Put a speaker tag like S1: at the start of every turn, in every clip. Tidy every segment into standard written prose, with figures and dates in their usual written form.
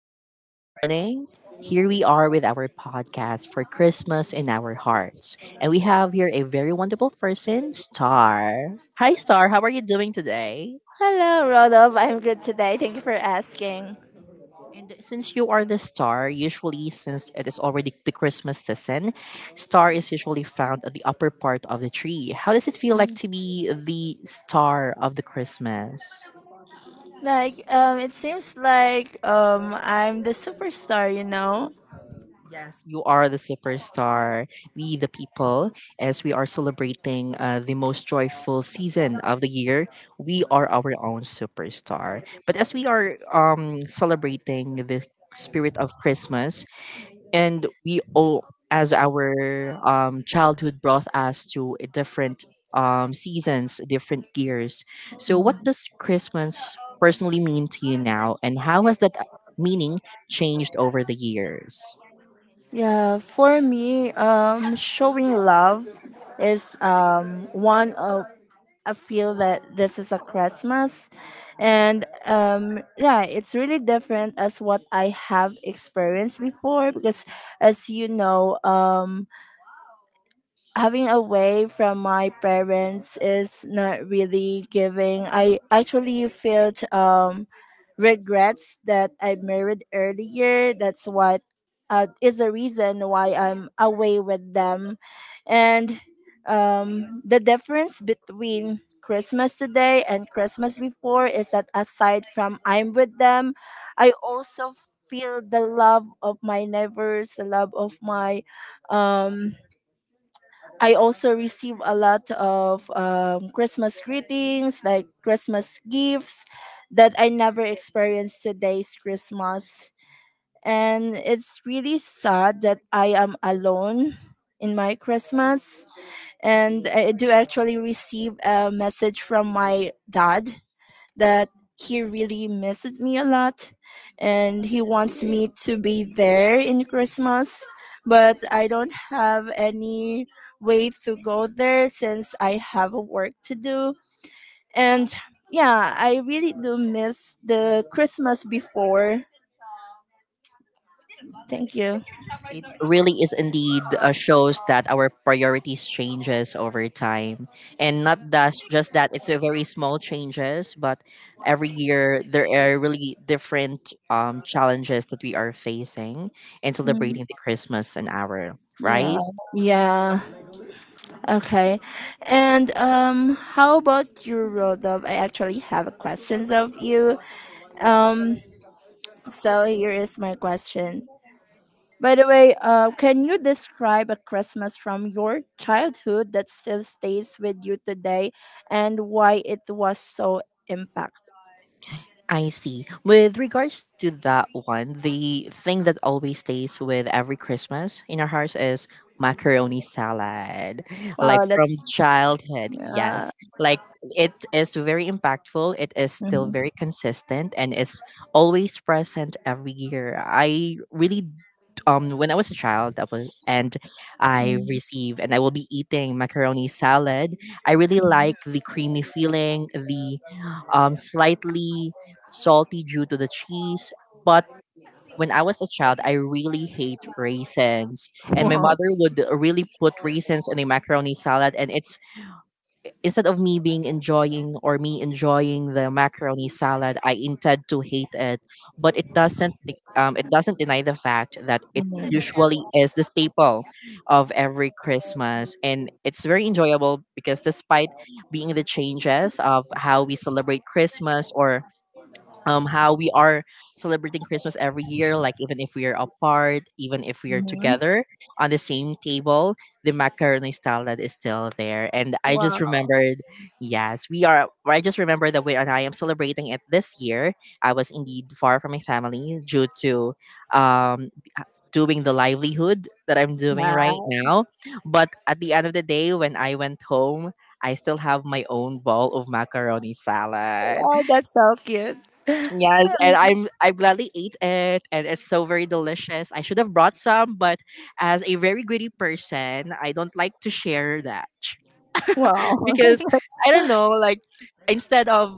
S1: good morning. Here we are with our podcast for Christmas in our hearts. And we have here a very wonderful person, Star. Hi, Star. How are you doing today?
S2: Hello, Rodolph. I'm good today. Thank you for asking.
S1: And since you are the star, usually since it is already the Christmas season, star is usually found at the upper part of the tree. How does it feel like to be the star of the Christmas?
S2: It seems like I'm the superstar, you know.
S1: Yes, you are the superstar. We, the people, as we are celebrating the most joyful season of the year, we are our own superstar. But as we are celebrating the spirit of Christmas, and we all, as our childhood brought us to a different seasons, different years. So, what does Christmas personally mean to you now, and how has that meaning changed over the years?
S2: Yeah, for me, showing love is one of I feel that this is a Christmas, and yeah, it's really different as what I have experienced before because, as you know, having away from my parents is not really giving. I actually felt regrets that I married earlier. That's what is the reason why I'm away with them, and the difference between Christmas today and Christmas before is that aside from I'm with them, I also feel the love of my neighbors, the love of my um I also receive a lot of Christmas greetings, like Christmas gifts that I never experienced today's Christmas. And it's really sad that I am alone in my Christmas. And I do actually receive a message from my dad that he really misses me a lot and he wants me to be there in Christmas, but I don't have any way to go there since I have work to do. And yeah, I really do miss the Christmas before. Thank you.
S1: It really is indeed shows that our priorities changes over time, and not that just that it's a very small changes, but every year there are really different challenges that we are facing in
S2: Mm,
S1: celebrating the Christmas and our
S2: yeah.
S1: right.
S2: Yeah. Okay. And how about you, Rodolph? I actually have questions of you. Um so here is my question. By the way, can you describe a Christmas from your childhood that still stays with you today and why it was so impactful?
S1: I see. With regards to that one, the thing that always stays with every Christmas in our house is macaroni salad. Like
S2: Wow,
S1: from
S2: that's
S1: childhood,
S2: yeah.
S1: yes. Like it is very impactful. It is still
S2: Mhm.
S1: very consistent and is always present every year. I really when I was a child that was, and I receive and I will be eating macaroni salad. I really like the creamy feeling, the slightly salty due to the cheese. But when I was a child, I really hate raisins, and my mother would really put raisins in a macaroni salad, and it's instead of me being enjoying or me enjoying the macaroni salad, I intend to hate it. But it doesn't it doesn't deny the fact that it
S2: Mhm. Mhm.
S1: usually is the staple of every Christmas, and it's very enjoyable because despite being the changes of how we celebrate Christmas or how we are celebrating Christmas every year, like even if we are apart, even if we are
S2: Mhm.
S1: together on the same table, the macaroni salad is still there, and I
S2: Wow.
S1: just remembered yes we are, I just remember that we, and I am celebrating it this year. I was indeed far from my family due to um doing the livelihood that I'm doing right
S2: Wow,
S1: now, but at the end of the day when I went home, I still have my own bowl of macaroni salad.
S2: wow, that's so cute.
S1: Yes, and I gladly ate it, and it's so very delicious. I should have brought some, but as a very greedy person, I don't like to share that
S2: Wow.
S1: because I don't know. Like instead of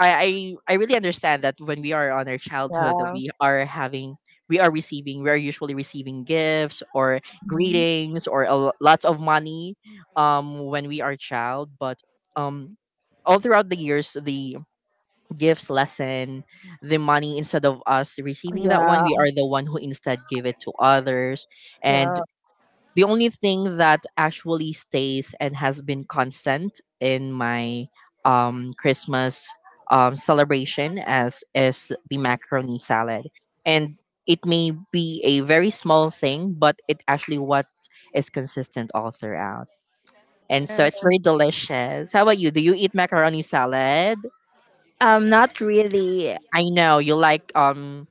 S1: I really understand that when we are on our childhood, that
S2: Yeah.
S1: we are having we are receiving we are usually receiving gifts or
S2: Mhm.
S1: greetings or a, lots of money when we are child, but um all throughout the years the gives lesson the money, instead of us receiving that one,
S2: Yeah.
S1: we are the one who instead give it to others. And
S2: Yeah.
S1: the only thing that actually stays and has been constant in my Christmas celebration as is the macaroni salad, and it may be a very small thing, but it actually what is consistent all throughout. And so it's very delicious. How about you, do you eat macaroni salad?
S2: Not really.
S1: I know you like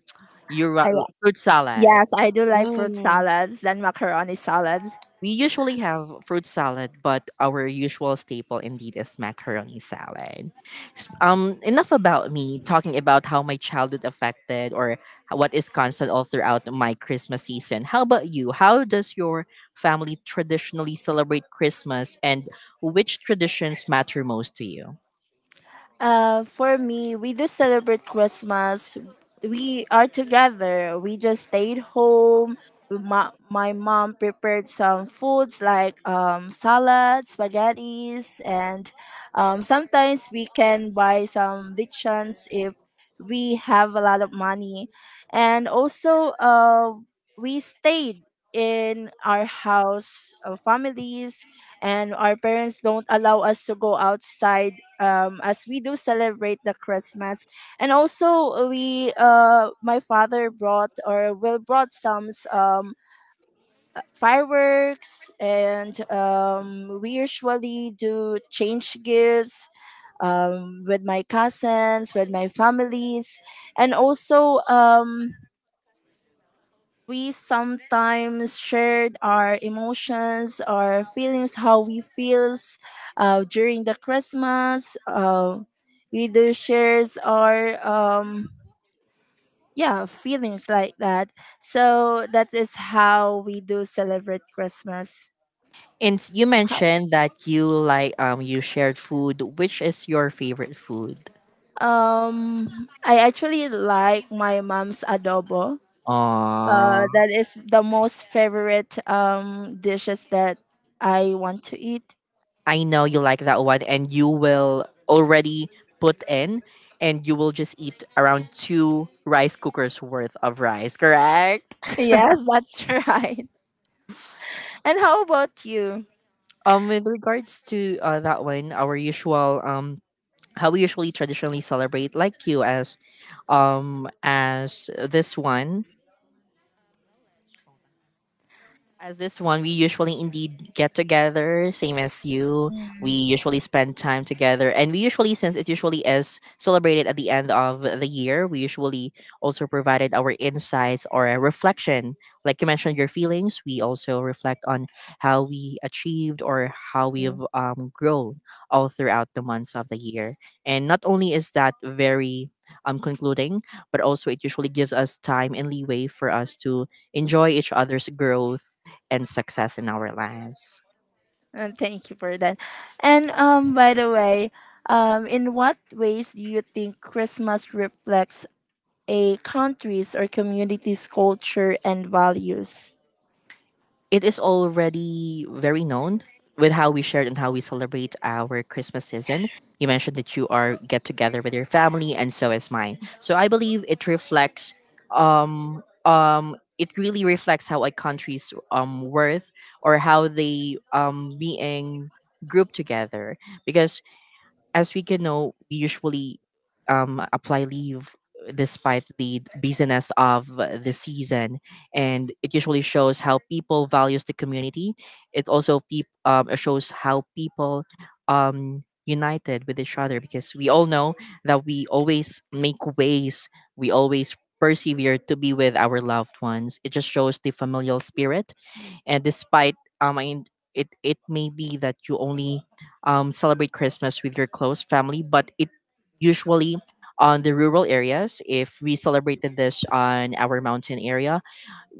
S1: your
S2: I,
S1: fruit salad.
S2: yes, I do like fruit
S1: Mm.
S2: salads, then macaroni salads.
S1: We usually have fruit salad, but our usual staple indeed is macaroni salad. Enough about me talking about how my childhood affected or what is constant all throughout my Christmas season. How about you? How does your family traditionally celebrate Christmas, and which traditions matter most to you?
S2: For me, we do celebrate Christmas. We are together. We just stayed home. My mom prepared some foods like salads, spaghettis, and sometimes we can buy some lichens if we have a lot of money. And also, we stayed in our house, families, and our parents don't allow us to go outside as we do celebrate the Christmas. And also we my father brought or will brought some fireworks and we usually do change gifts with my cousins, with my families and also we sometimes shared our emotions, our feelings, how we feels during the Christmas. We do shares our yeah feelings like that. So that is how we do celebrate Christmas.
S1: And you mentioned that you like you shared food. Which is your favorite food?
S2: I actually like my mom's adobo.
S1: Uh,
S2: That is the most favorite dishes that I want to eat.
S1: I know you like that one and you will already put in and you will just eat around two rice cookers worth of rice, correct?
S2: Yes, that's right. And how about you?
S1: With regards to that one, our usual how we usually traditionally celebrate like you as this one, as this one, we usually indeed get together, same as you. We usually spend time together, and we usually, since it usually is celebrated at the end of the year, we usually also provided our insights or a reflection. Like you mentioned, your feelings. We also reflect on how we achieved or how we've
S2: Mm,
S1: grown all throughout the months of the year. And not only is that very concluding, but also it usually gives us time and leeway for us to enjoy each other's growth and success in our lives.
S2: and thank you for that. And by the way, in what ways do you think Christmas reflects a country's or community's culture and values?
S1: It is already very known with how we shared and how we celebrate our Christmas season. You mentioned that you are get together with your family, and so is mine. So I believe it reflects, it really reflects how a country's worth or how they being grouped together, because as we can know, we usually apply leave despite the busyness of the season, and it usually shows how people values the community. It also shows how people united with each other, because we all know that we always make ways, we always persevere to be with our loved ones. It just shows the familial spirit. And despite it may be that you only celebrate Christmas with your close family, but it usually, on the rural areas, if we celebrated this on our mountain area,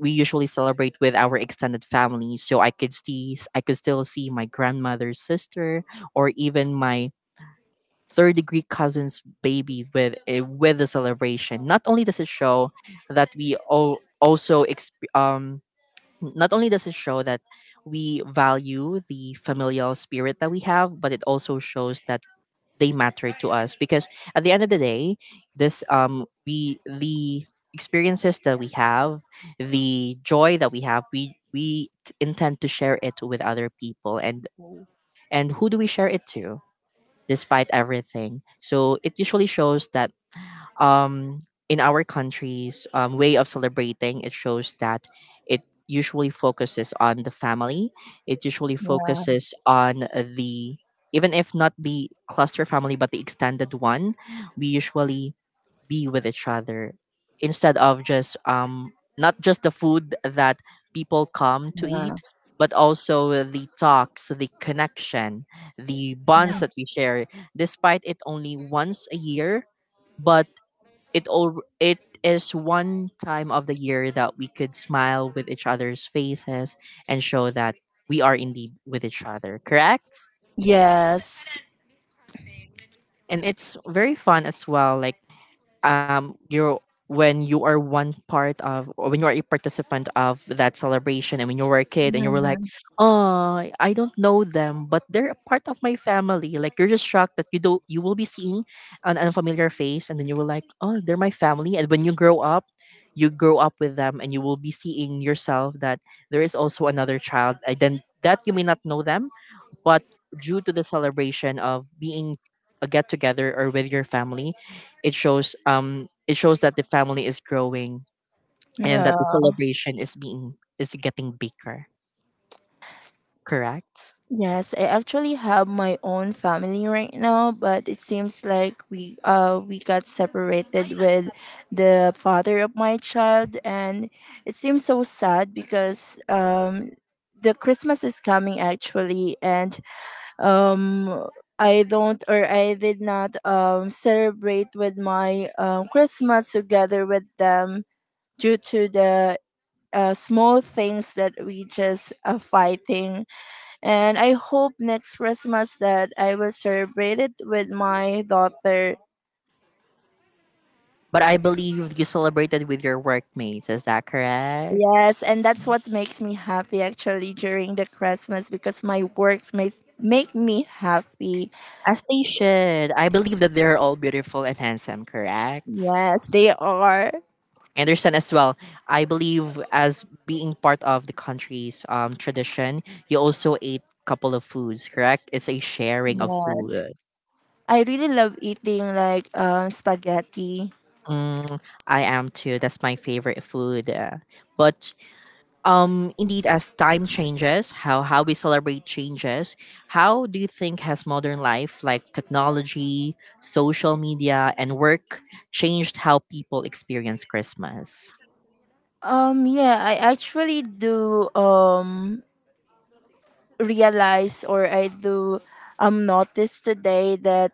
S1: we usually celebrate with our extended family, so I could see, I could still see my grandmother's sister or even my third degree cousin's baby with with the celebration. Not only does it show that we all also not only does it show that we value the familial spirit that we have, but it also shows that they matter to us, because at the end of the day, this we the experiences that we have, the joy that we have, we intend to share it with other people, and who do we share it to despite everything. So it usually shows that um, in our country's way of celebrating, it shows that it usually focuses on the family. It usually focuses on the even if not the cluster family, but the extended one. We usually be with each other, instead of just not just the food that people come to eat, but also the talks, the connection, the bonds that we share. Despite it only once a year, but it all it is one time of the year that we could smile with each other's faces and show that we are indeed with each other, correct?
S2: Yes.
S1: And it's very fun as well, like you're when you are one part of or when you are a participant of that celebration and when you were a kid and you were like,
S2: Mm,
S1: oh, I don't know them, but they're a part of my family. Like you're just shocked that you don't you will be seeing an unfamiliar face, and then you were like, oh, they're my family. And when you grow up, you grow up with them, and you will be seeing yourself that there is also another child, and then that you may not know them, but due to the celebration of being a get together or with your family, it shows that the family is growing, and that
S2: yeah.
S1: the celebration is being is getting bigger. Correct?
S2: Yes, I actually have my own family right now, but it seems like we got separated with the father of my child and it seems so sad because the Christmas is coming actually and um I don't or I did not celebrate with my Christmas together with them due to the small things that we just fighting and I hope next Christmas that I will celebrate it with my daughter.
S1: But I believe you celebrated with your workmates. Is that correct?
S2: Yes, and that's what makes me happy actually during the Christmas because my works make me happy.
S1: As they should. I believe that they're all beautiful and handsome. Correct?
S2: Yes, they are.
S1: Anderson as well. I believe as being part of the country's tradition, you also ate couple of foods, correct? It's a sharing of
S2: Yes.
S1: food.
S2: I really love eating like spaghetti.
S1: Mm, I am too. That's my favorite food. But indeed, as time changes, how we celebrate changes. How do you think has modern life, like technology, social media, and work, changed how people experience Christmas?
S2: Yeah, I actually do realize or I do notice today that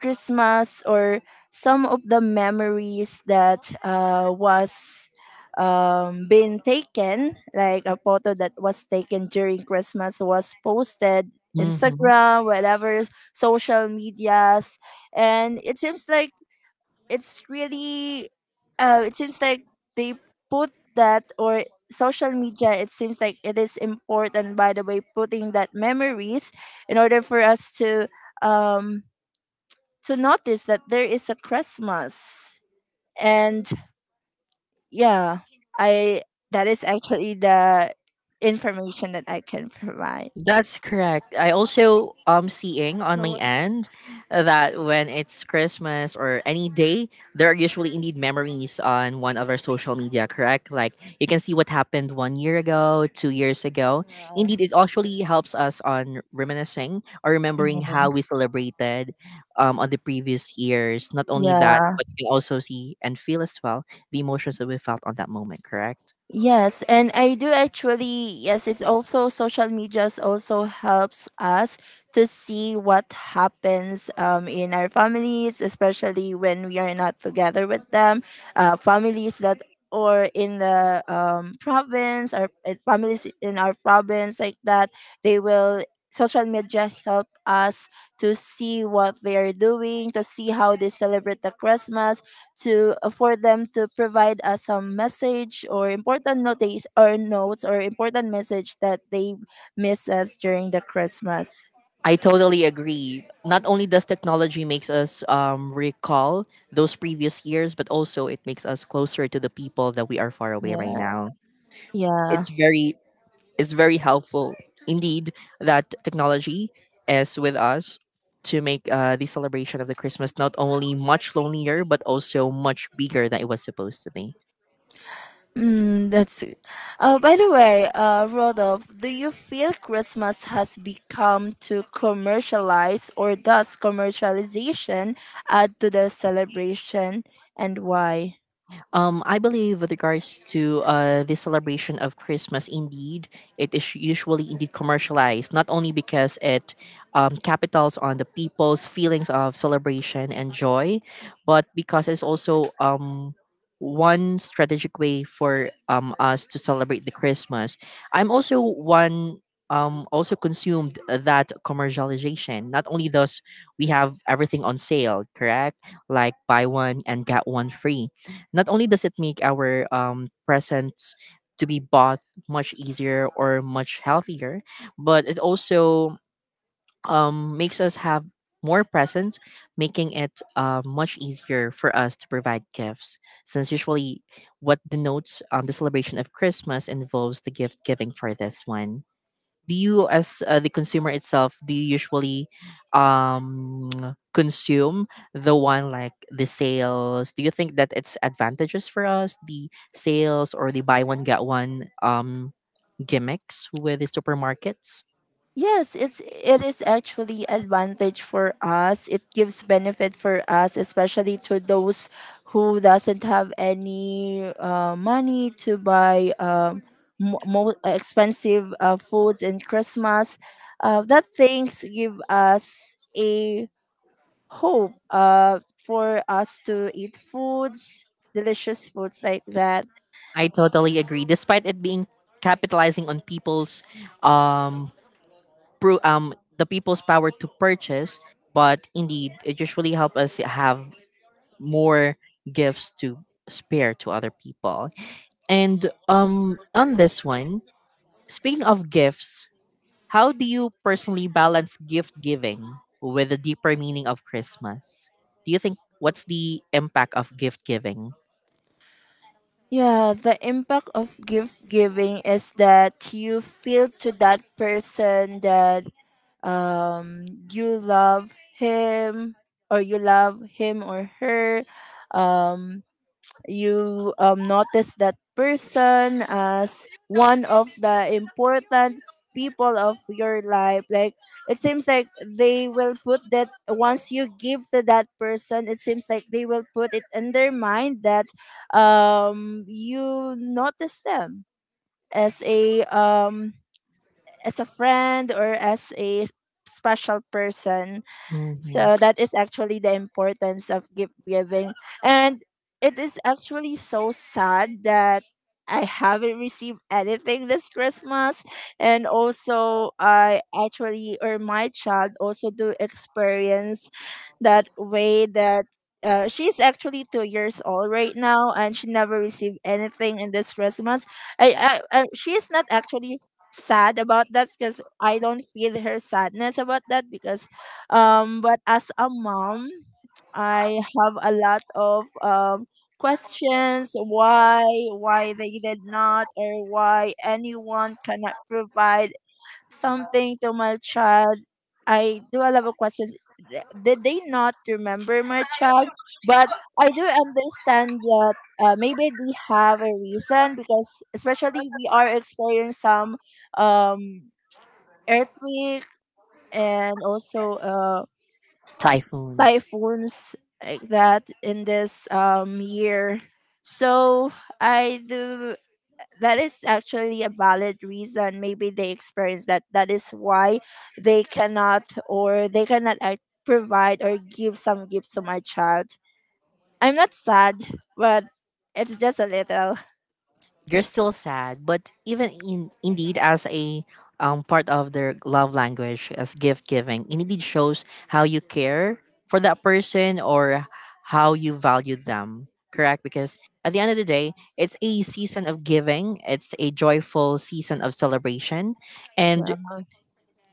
S2: Christmas or some of the memories that was been taken, like a photo that was taken during Christmas was posted
S1: Mm-hmm.
S2: Instagram, whatever social medias, and it seems like it's really, it seems like they put that or social media it seems like it is important by the way putting that memories in order for us um to notice that there is a Christmas. And yeah, I that is actually the information that I can provide.
S1: That's correct. I also seeing on
S2: But
S1: my
S2: what-
S1: end that when it's Christmas or any day, there are usually indeed memories on one of our social media, correct? Like you can see what happened 1 year ago, 2 years ago.
S2: Yeah.
S1: Indeed, it actually helps us on reminiscing or remembering how we celebrated on the previous years. Not only that,
S2: Yeah.
S1: but you can also see and feel as well the emotions that we felt on that moment, correct?
S2: Yes, and I do actually. Yes, it's also social medias also helps us to see what happens in our families, especially when we are not together with them. Families that or in the province or families in our province like that, they will social media help us to see what they are doing, to see how they celebrate the Christmas, to for them to provide us some message or important notice or notes or important message that they miss us during the Christmas.
S1: I totally agree. Not only does technology makes us recall those previous years, but also it makes us closer to the people that we are far away right
S2: Yeah.
S1: now.
S2: Yeah.
S1: It's very it's very helpful indeed that technology is with us to make the celebration of the Christmas not only much lonelier but also much bigger than it was supposed to be.
S2: Mm, that's it. By the way, Rodolph, do you feel Christmas has become too commercialized or does commercialization add to the celebration and why?
S1: I believe with regards to the celebration of Christmas, indeed, it is usually indeed commercialized, not only because it capitals on the people's feelings of celebration and joy, but because it's also one strategic way for us to celebrate the Christmas. I'm also one also consumed that commercialization. Not only does we have everything on sale, correct? Like buy one and get one free, not only does it make our presents to be bought much easier or much healthier, but it also makes us have more presents, making it much easier for us to provide gifts. Since usually what denotes the celebration of Christmas involves the gift giving for this one, do you as the consumer itself, do you usually um consume the one like the sales, do you think that it's advantageous for us, the sales or the buy one get one gimmicks with the supermarkets?
S2: Yes, it is actually advantage for us. It gives benefit for us, especially to those who doesn't have any money to buy more expensive foods in Christmas. That things give us a hope for us to eat foods, delicious foods like that.
S1: I totally agree. Despite it being capitalizing on people's um the people's power to purchase, but indeed it usually help us have more gifts to spare to other people. And on this one, speaking of gifts, how do you personally balance gift giving with the deeper meaning of Christmas? Do you think, what's the impact of gift giving?
S2: Yeah, the impact of gift giving is that you feel to that person that um you love him or you love him or her um you notice that person as one of the important people of your life like it seems like they will put that once you give to that person it seems like they will put it in their mind that you notice them as a um, as a friend or as a special person
S1: Hmm.
S2: so that is actually the importance of gift giving. And it is actually so sad that I haven't received anything this Christmas. And also, I actually, or my child also do experience that way that she's actually 2 years old right now and she never received anything in this Christmas. I she's not actually sad about that because I don't feel her sadness about that because but as a mom, I have a lot of questions why they did not or why anyone cannot provide something to my child. I do a lot of questions. Did they not remember my child? But I do understand that maybe they have a reason because especially we are experiencing some um, earthquake and also
S1: Typhoons.
S2: typhoons like that in this year. So I do that is actually a valid reason. Maybe they experience that. That is why they cannot or they cannot like, provide or give some gifts to my child. I'm not sad, but it's just a little.
S1: You're still sad, but even in indeed as a part of their love language as gift giving, it indeed shows how you care for that person, or how you value them, correct? Because at the end of the day, it's a season of giving, it's a joyful season of celebration, and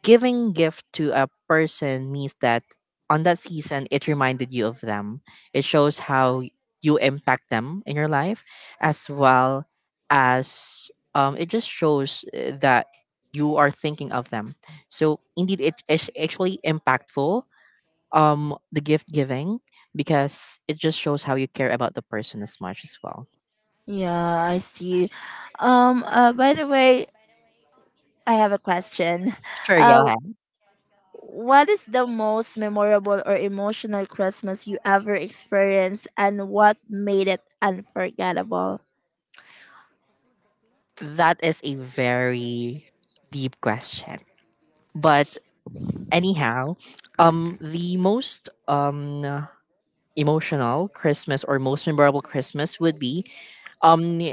S1: giving gift to a person means that on that season it reminded you of them, it shows how you impact them in your life as well as, it just shows that you are thinking of them. So indeed it is actually impactful, the gift giving, because it just shows how you care about the person as much as well.
S2: Yeah, I see. By the way, I have a question.
S1: Sure,
S2: Uh,
S1: go ahead.
S2: What is the most memorable or emotional Christmas you ever experienced and what made it unforgettable?
S1: That is a very deep question, but anyhow, the most emotional Christmas or most memorable Christmas would be, um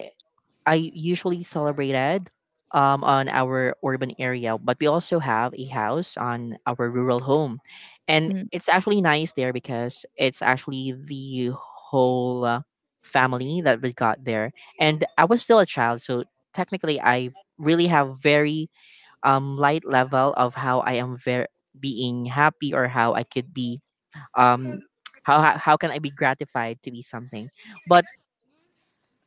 S1: I usually celebrated on our urban area, but we also have a house on our rural home, and
S2: Mm,
S1: it's actually nice there because it's actually the whole family that we got there, and I was still a child, so technically I really have very light level of how I am very being happy or how I could be, um how can I be gratified to be something. But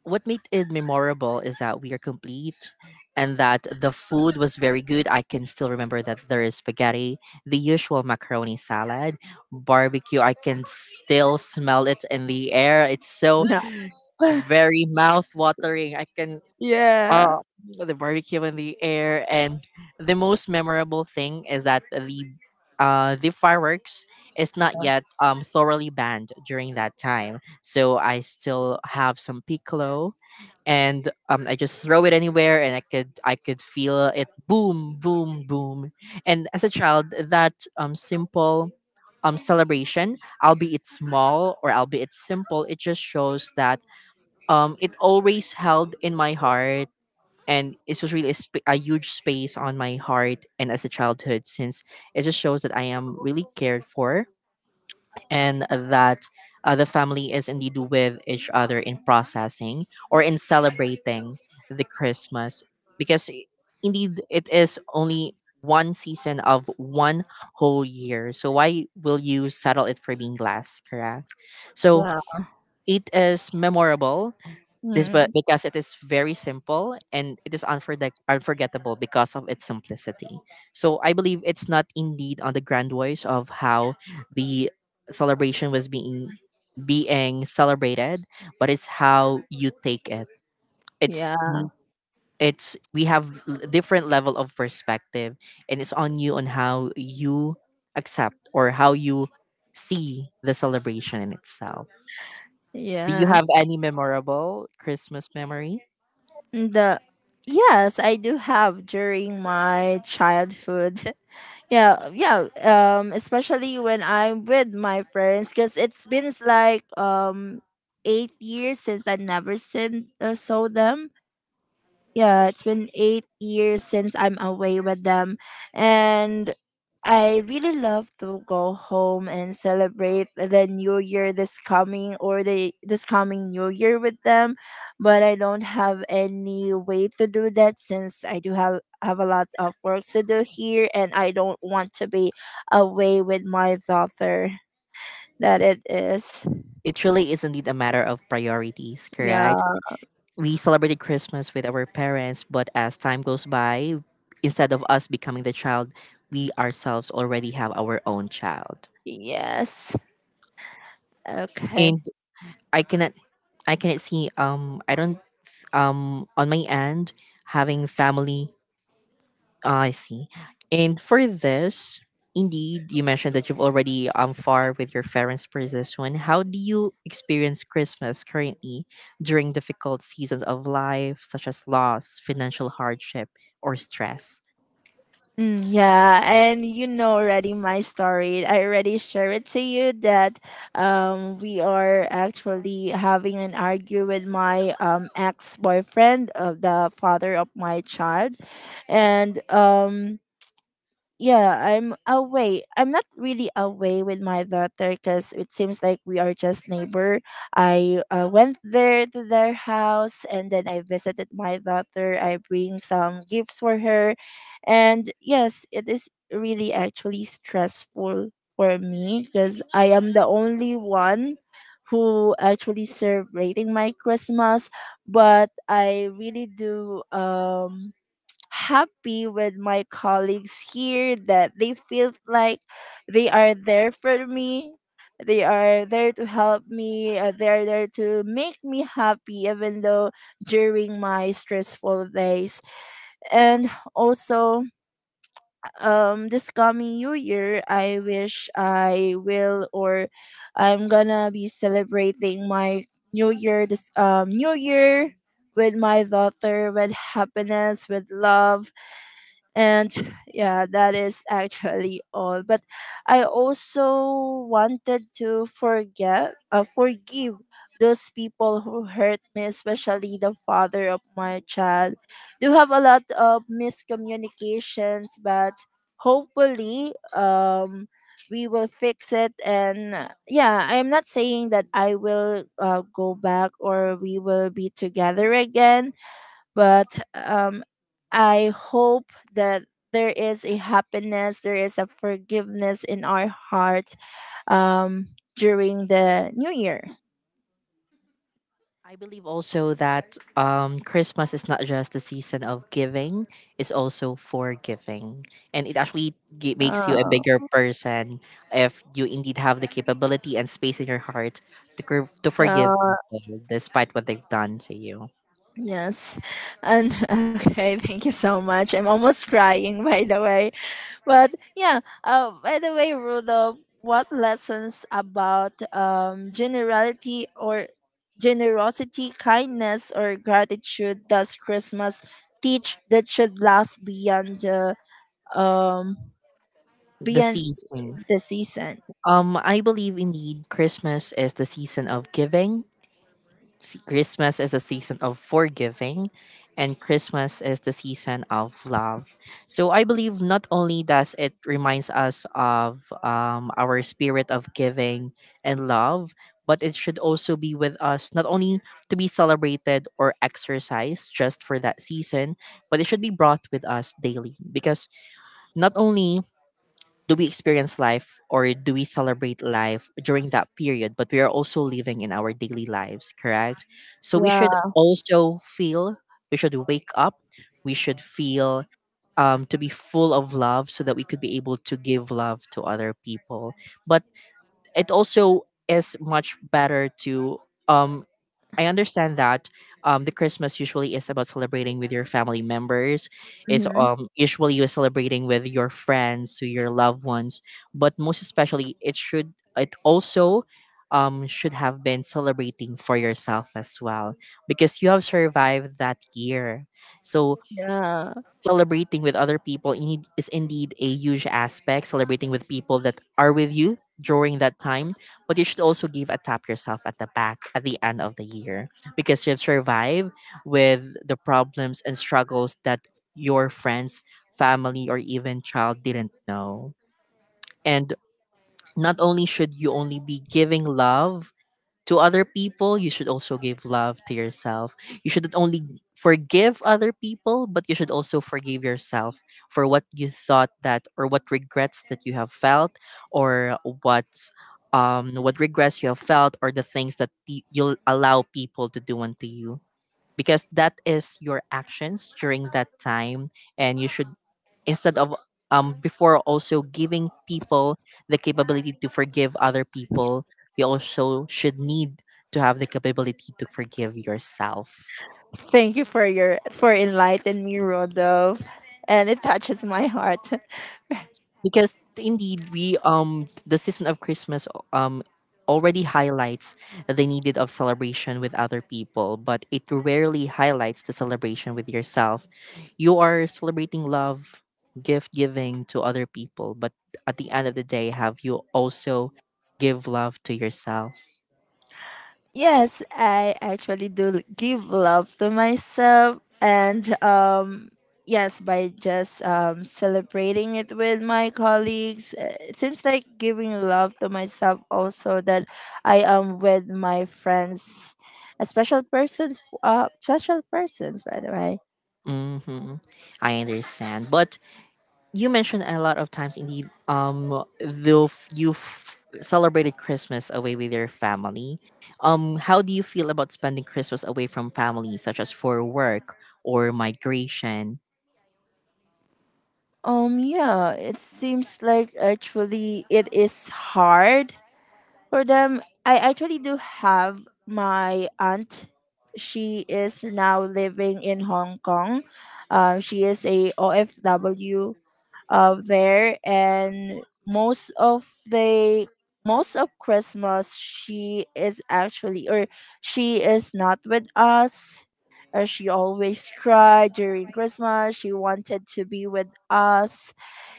S1: what made it memorable is that we are complete and that the food was very good. I can still remember that there is spaghetti, the usual macaroni salad, barbecue. I can still smell it in the air. It's so
S2: yeah.
S1: very mouth watering. I can, uh,
S2: Yeah.
S1: the barbecue in the air. And the most memorable thing is that the fireworks is not yet thoroughly banned during that time. So I still have some piccolo, and I just throw it anywhere, and I could feel it, boom, boom, boom. And as a child, that simple celebration, albeit it's small or albeit it's simple, it just shows that it always held in my heart, and it's just really a, a huge space on my heart and as a childhood, since it just shows that I am really cared for, and that the family is indeed with each other in processing or in celebrating the Christmas. Because indeed it is only one season of one whole year, so why will you settle it for being last, correct? So
S2: Yeah.
S1: it is memorable this, but
S2: Mm,
S1: because it is very simple and it is unforgettable because of its simplicity. So I believe it's not indeed on the grand voice of how the celebration was being celebrated, but it's how you take it. It's
S2: yeah.
S1: n- it's, we have different level of perspective, and it's on you on how you accept or how you see the celebration in itself. Do you have
S2: Yes.
S1: any memorable Christmas memory?
S2: The yes, I do have during my childhood. Yeah, yeah. Especially when I'm with my parents, because it's been like 8 years since I never seen saw them yeah, it's been 8 years since I'm away with them. And I really love to go home and celebrate the new year this coming or the this coming new year with them. But I don't have any way to do that since I do have a lot of work to do here and I don't want to be away with my daughter that it is.
S1: It really is indeed a matter of priorities,
S2: Yeah.
S1: correct? We celebrated Christmas with our parents, but as time goes by, instead of us becoming the child, we ourselves already have our own child.
S2: Yes. Okay.
S1: And I cannot I cannot see, I don't, on my end, having family. I see. And for this, indeed, you mentioned that you've already far with your parents for this one. How do you experience Christmas currently during difficult seasons of life, such as loss, financial hardship, or stress?
S2: Mm, yeah, and you know already my story. I already shared it to you that we are actually having an argue with my ex boyfriend, of the father of my child, and yeah, I'm away. I'm not really away with my daughter because it seems like we are just neighbor. I went there to their house and then I visited my daughter. I bring some gifts for her, and yes, it is really actually stressful for me because I am the only one who actually celebrating my Christmas. But I really do happy with my colleagues here that they feel like they are there for me. They are there to help me. They are there to make me happy, even though during my stressful days. And also, this coming new year, I wish I will or I'm gonna be celebrating my new year. This new year with my daughter, with happiness, with love and yeah that is actually all but I also wanted to forget forgive those people who hurt me especially the father of my child do have a lot of miscommunications but hopefully we will fix it and yeah I'm not saying that I will go back or we will be together again but um, I hope that there is a happiness, there is a forgiveness in our heart um, during the new year.
S1: I believe also that Christmas is not just the season of giving, it's also forgiving. And it actually makes
S2: Uh,
S1: you a bigger person if you indeed have the capability and space in your heart to, to forgive
S2: yeah,
S1: people despite what they've done to you.
S2: yes. And okay, thank you so much. I'm almost crying, by the way. But yeah, by the way, Rudolph, what lessons about generality or generosity, kindness, or gratitude does Christmas teach that should last beyond um
S1: The
S2: beyond
S1: season.
S2: the season?
S1: I believe indeed Christmas is the season of giving, Christmas is a season of forgiving, and Christmas is the season of love. So I believe not only does it reminds us of our spirit of giving and love, but it should also be with us, not only to be celebrated or exercised just for that season, but it should be brought with us daily, because not only do we experience life or do we celebrate life during that period, but we are also living in our daily lives, correct? So we should
S2: Yeah,
S1: also feel, we should wake up, we should feel to be full of love so that we could be able to give love to other people. But it also is much better to, um I understand that the Christmas usually is about celebrating with your family members. It's
S2: mhm,
S1: usually you're celebrating with your friends, to your loved ones, but most especially it should, it also should have been celebrating for yourself as well, because you have survived that year. So
S2: yeah.
S1: celebrating with other people indeed- is indeed a huge aspect, celebrating with people that are with you during that time, but you should also give a tap yourself at the back at the end of the year, because you've survived with the problems and struggles that your friends, family, or even child didn't know. And not only should you only be giving love to other people, you should also give love to yourself. You shouldn't only forgive other people, but you should also forgive yourself for what you thought that, or what regrets that you have felt, or what what regrets you have felt, or the things that you'll allow people to do unto you, because that is your actions during that time. And you should, instead of before also giving people the capability to forgive other people, you also should need to have the capability to forgive yourself.
S2: Thank you for your for enlightening me, Rudolph, and it touches my heart.
S1: Because indeed we the season of Christmas um already highlights the needed of celebration with other people, but it rarely highlights the celebration with yourself. You are celebrating love, gift giving to other people, but at the end of the day, have you also give love to yourself?
S2: Yes, I actually do give love to myself. And yes, by just celebrating it with my colleagues. It seems like giving love to myself also, that I am with my friends, a special persons, by the way.
S1: Mm-hmm. I understand, but you mentioned a lot of times indeed you celebrated Christmas away with your family. How do you feel about spending Christmas away from family, such as for work or migration?
S2: Yeah, it seems like actually it is hard for them. I actually do have my aunt. She is now living in Hong Kong. She is a OFW there, and most of Christmas she is actually, or she is not with us. She always cried during Christmas. She wanted to be with us.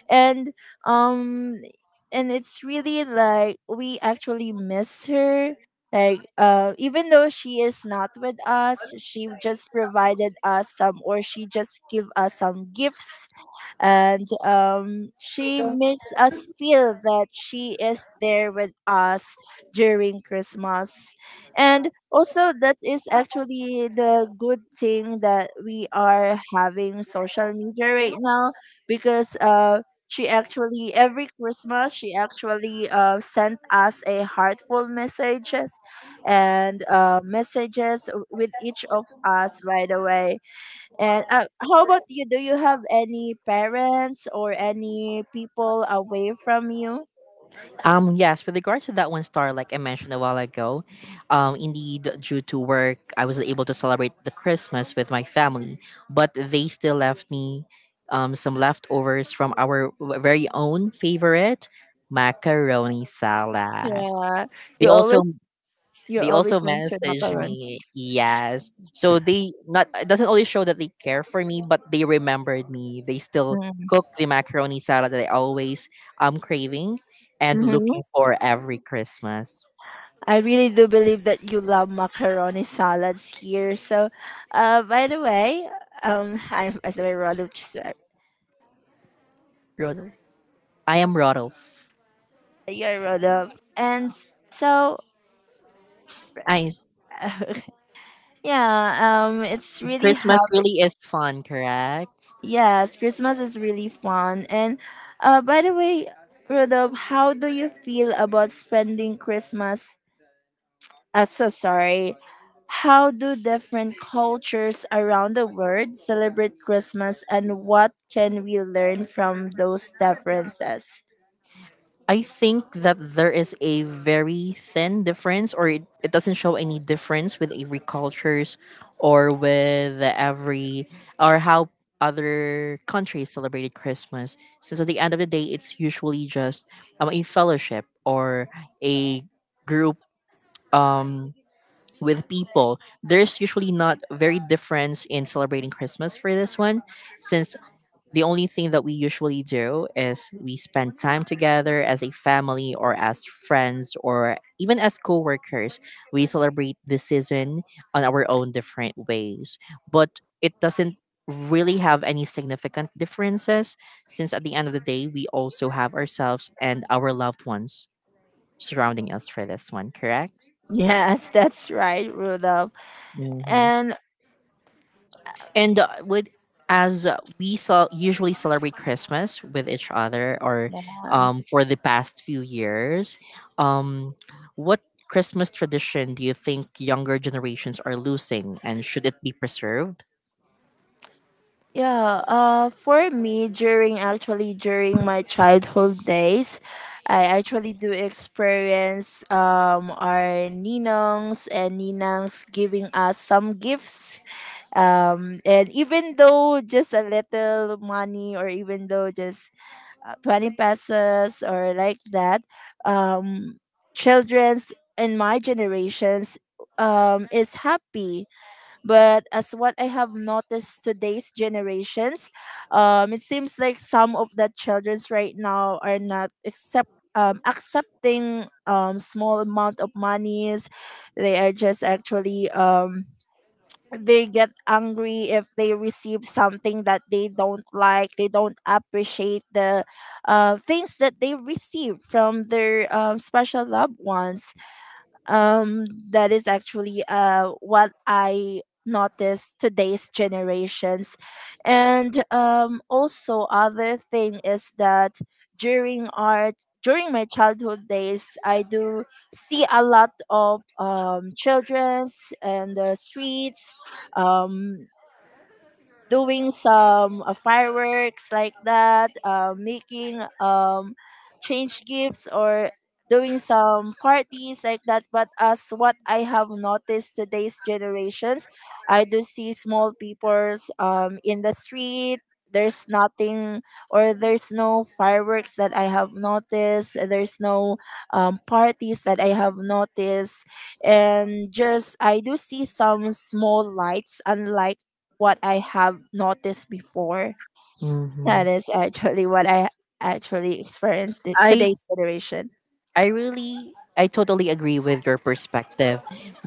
S2: And um and it's really like we actually miss her. Like, even though she is not with us, she just provided us some, or she just give us some gifts. And she makes us feel that she is there with us during Christmas. And also, that is actually the good thing that we are having social media right now, because she actually every Christmas she actually sent us a heartful messages, and messages with each of us, by the way. And how about you? Do you have any parents or any people away from you?
S1: yes, with regards to that one, star, like I mentioned a while ago, indeed due to work I was able to celebrate the Christmas with my family, but they still left me some leftovers from our very own favorite macaroni salad.
S2: Yeah,
S1: They
S2: you
S1: also,
S2: always you
S1: they also
S2: always mention
S1: message
S2: macaron.
S1: me. Yes. So they not, it doesn't only show that they care for me, but they remembered me. They still cook the macaroni salad that I always am craving and
S2: Mm-hmm.
S1: looking for every Christmas.
S2: I really do believe that you love macaroni salads here. So, by the way, I'm as a relative.
S1: Rodolph. I am Rodolph.
S2: That you wrote up. And so, just,
S1: I,
S2: yeah, it's really happy.
S1: Christmas really is fun, correct?
S2: Yes, Christmas is really fun. And by the way, Rodolphe, how do you feel about spending Christmas? So sorry. How do different cultures around the world celebrate Christmas, and what can we learn from those differences?
S1: I think that there is a very thin difference, or it doesn't show any difference with every cultures or with every, or how other countries celebrated Christmas. Since at the end of the day, it's usually just a fellowship or a group um, with people. There's usually not very difference in celebrating Christmas for this one, since the only thing that we usually do is we spend time together as a family or as friends or even as co-workers, we celebrate the season on our own different ways, but it doesn't really have any significant differences, since at the end of the day we also have ourselves and our loved ones surrounding us for this one, correct?
S2: Yes, that's right, Rudolph.
S1: Hmm.
S2: And
S1: And with, as we usually celebrate Christmas with each other, or for the past few years, um, what Christmas tradition do you think younger generations are losing, and should it be preserved?
S2: yeah, for me, during my childhood days, I actually do experience our ninongs and ninangs giving us some gifts. And even though just a little money, or even though just 20 pesos or like that, um, children's in my generations is happy, but as what I have noticed today's generations, it seems like some of the childrens right now are not accepting small amount of monies. They are just actually, they get angry if they receive something that they don't like. They don't appreciate the things that they receive from their special loved ones. That is actually what I notice today's generations. And also other thing is that, during art during my childhood days, I do see a lot of children's and the streets, um doing some fireworks like that, making, change gifts or doing some parties like that. But as what I have noticed today's generations, I do see small peoples, in the street. There's nothing, or there's no fireworks that I have noticed. There's no parties that I have noticed. And just I do see some small lights, unlike what I have noticed before.
S1: hmm
S2: That is actually what I actually experienced in
S1: I
S2: today's generation.
S1: I totally agree with your perspective.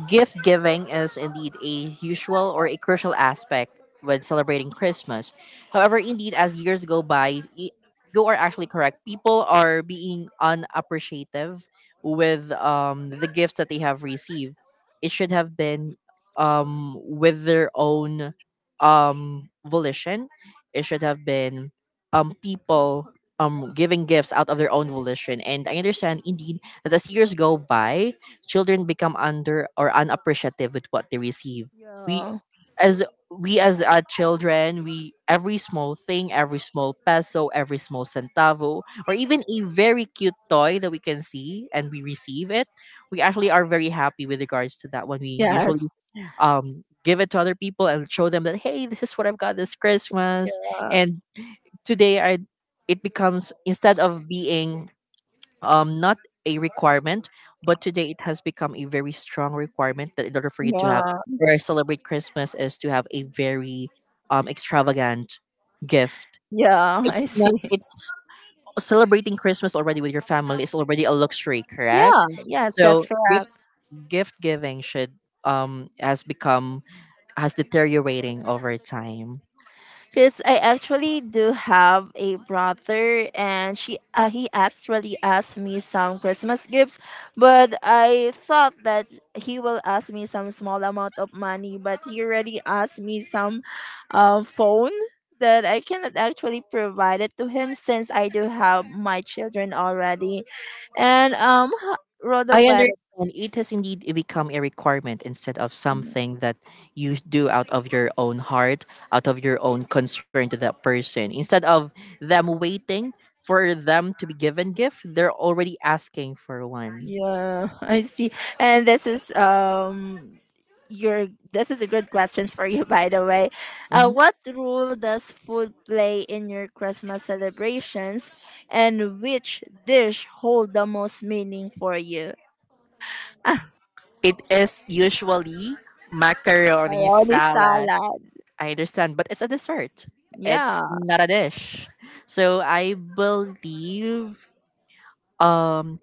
S1: Gift giving is indeed a usual or a crucial aspect when celebrating Christmas. However, indeed, as years go by, you are actually correct. People are being unappreciative with the gifts that they have received. It should have been with their own volition. It should have been people giving gifts out of their own volition. And I understand indeed that as years go by, children become under or unappreciative with what they receive. we
S2: Yeah.
S1: as we as uh, children, we every small thing, every small peso, every small centavo, or even a very cute toy that we can see and we receive it, we actually are very happy with regards to that when we usually
S2: Yes.
S1: um give it to other people and show them that, hey, this is what I've got this Christmas.
S2: Uh,
S1: And today I, it becomes, instead of being not a requirement, but today it has become a very strong requirement that in order for you to have
S2: yeah.
S1: or celebrate Christmas is to have a very extravagant gift.
S2: Yeah. I
S1: It's not,
S2: see.
S1: it's celebrating Christmas already with your family is already a luxury,
S2: Yeah.
S1: correct?
S2: Yes, that's
S1: So gift
S2: correct.
S1: giving should has become has deteriorating over time.
S2: Because I actually do have a brother, and she he actually asked me some Christmas gifts, but I thought that he will ask me some small amount of money, but he already asked me some phone that I cannot actually provide it to him, since I do have my children already. And
S1: I
S2: Rodopet.
S1: understand it has indeed become a requirement instead of something that you do out of your own heart, out of your own concern to that person. Instead of them waiting for them to be given gift, they're already asking for one.
S2: Yeah, I see. And this is a good questions for you, by the way.
S1: Mhm.
S2: What role does food play in your Christmas celebrations, and which dish hold the most meaning for you?
S1: It is usually macaroni
S2: Bologna
S1: salad.
S2: salad.
S1: I understand, but it's a dessert.
S2: Yeah.
S1: It's not a dish. So I believe um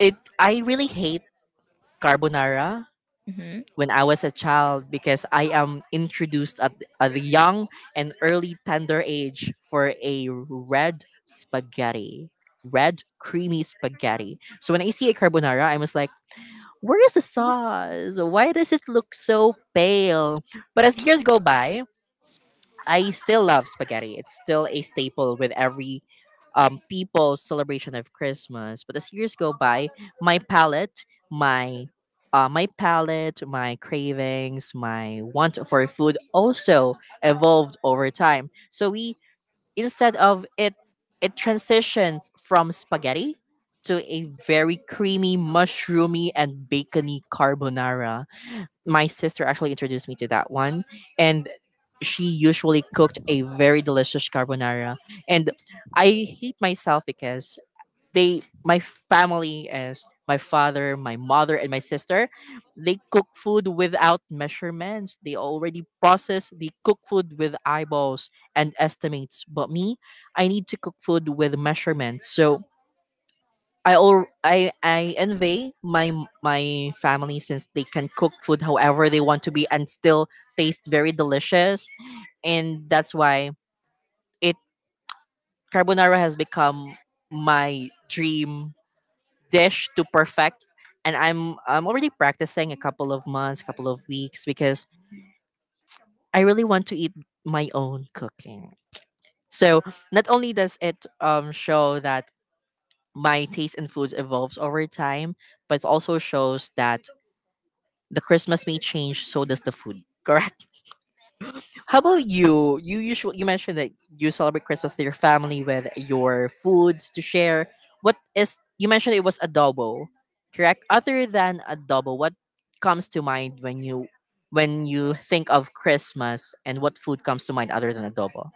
S1: it I really hate carbonara
S2: Mm-hmm.
S1: when I was a child because I am introduced at the young and early tender age for a red spaghetti. Red creamy spaghetti. So when I see a carbonara, I was like, where is the sauce? Why does it look so pale? But as years go by, I still love spaghetti. It's still a staple with every people's celebration of Christmas. But as years go by, my palate, my my palate, my cravings, my want for food also evolved over time. So we instead of it transitions from spaghetti to a very creamy, mushroomy, and bacony carbonara. My sister actually introduced me to that one, and she usually cooked a very delicious carbonara. And I hate myself because they my family, as my father, my mother, and my sister, they cook food without measurements, they already process, they cook food with eyeballs and estimates, but me, I need to cook food with measurements. So I all I envy my family since they can cook food however they want to be and still taste very delicious. And that's why it carbonara has become my dream dish to perfect, and I'm already practicing a couple of months, couple of weeks, because I really want to eat my own cooking. So not only does it show that my taste in foods evolves over time, but it also shows that the Christmas may change, so does the food. Correct. How about you? You usually you mentioned that you celebrate Christmas with your family with your foods to share. What is you mentioned it was adobo, correct? Other than adobo, what comes to mind when you think of Christmas, and what food comes to mind other than adobo?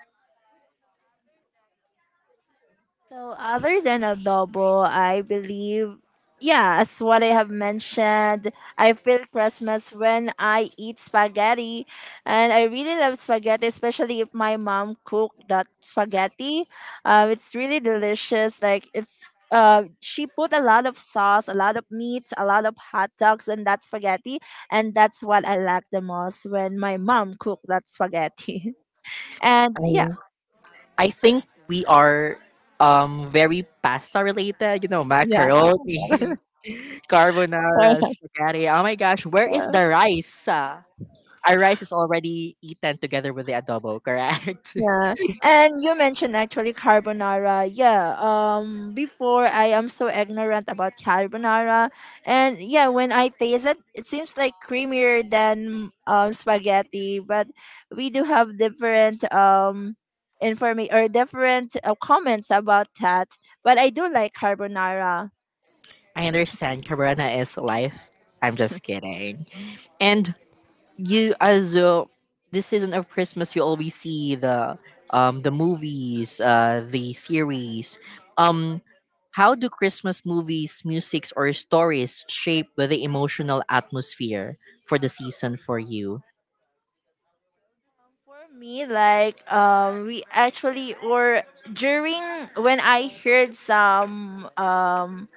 S2: So other than adobo, I believe, yeah, as what I have mentioned, I feel Christmas when I eat spaghetti. And I really love spaghetti, especially if my mom cooked that spaghetti. It's really delicious. Like, it's she put a lot of sauce, a lot of meat, a lot of hot dogs and that spaghetti, and that's what I like the most when my mom cooked that spaghetti. And yeah,
S1: I think we are very pasta related,
S2: yeah.
S1: macaroni, carbonara, spaghetti. Oh my gosh, where is
S2: Sorry.
S1: the rice? Our rice is already eaten together with the adobo, correct?
S2: Yeah. And you mentioned actually carbonara. Yeah. Before I am so ignorant about carbonara. And yeah, when I taste it, it seems like creamier than spaghetti, but we do have different informa- or different comments about that. But I do like carbonara.
S1: I understand Cabrana is life. I'm just kidding. And you as this season of Christmas, you always see the movies, the series. Um, how do Christmas movies, musics, or stories shape the emotional atmosphere for the season for you?
S2: For me, like, we actually or during when I heard some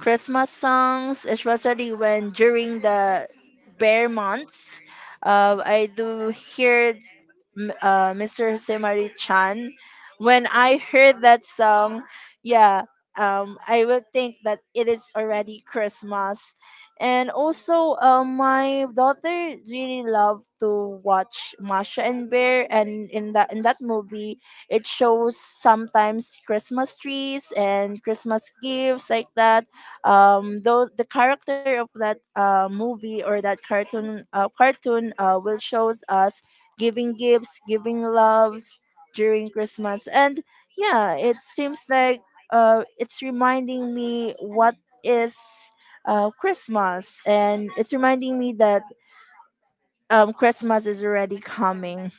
S2: Christmas songs, especially when during the bear months. I do hear Mr. Semari Chan. When I heard that song, yeah, I would think that it is already Christmas. And also, my daughter really loved to watch Masha and Bear, and in that movie, it shows sometimes Christmas trees and Christmas gifts like that. Though the character of that movie, or that cartoon will shows us giving gifts, giving loves during Christmas. And yeah, it seems like, it's reminding me what is, Christmas, and it's reminding me that Christmas is already coming.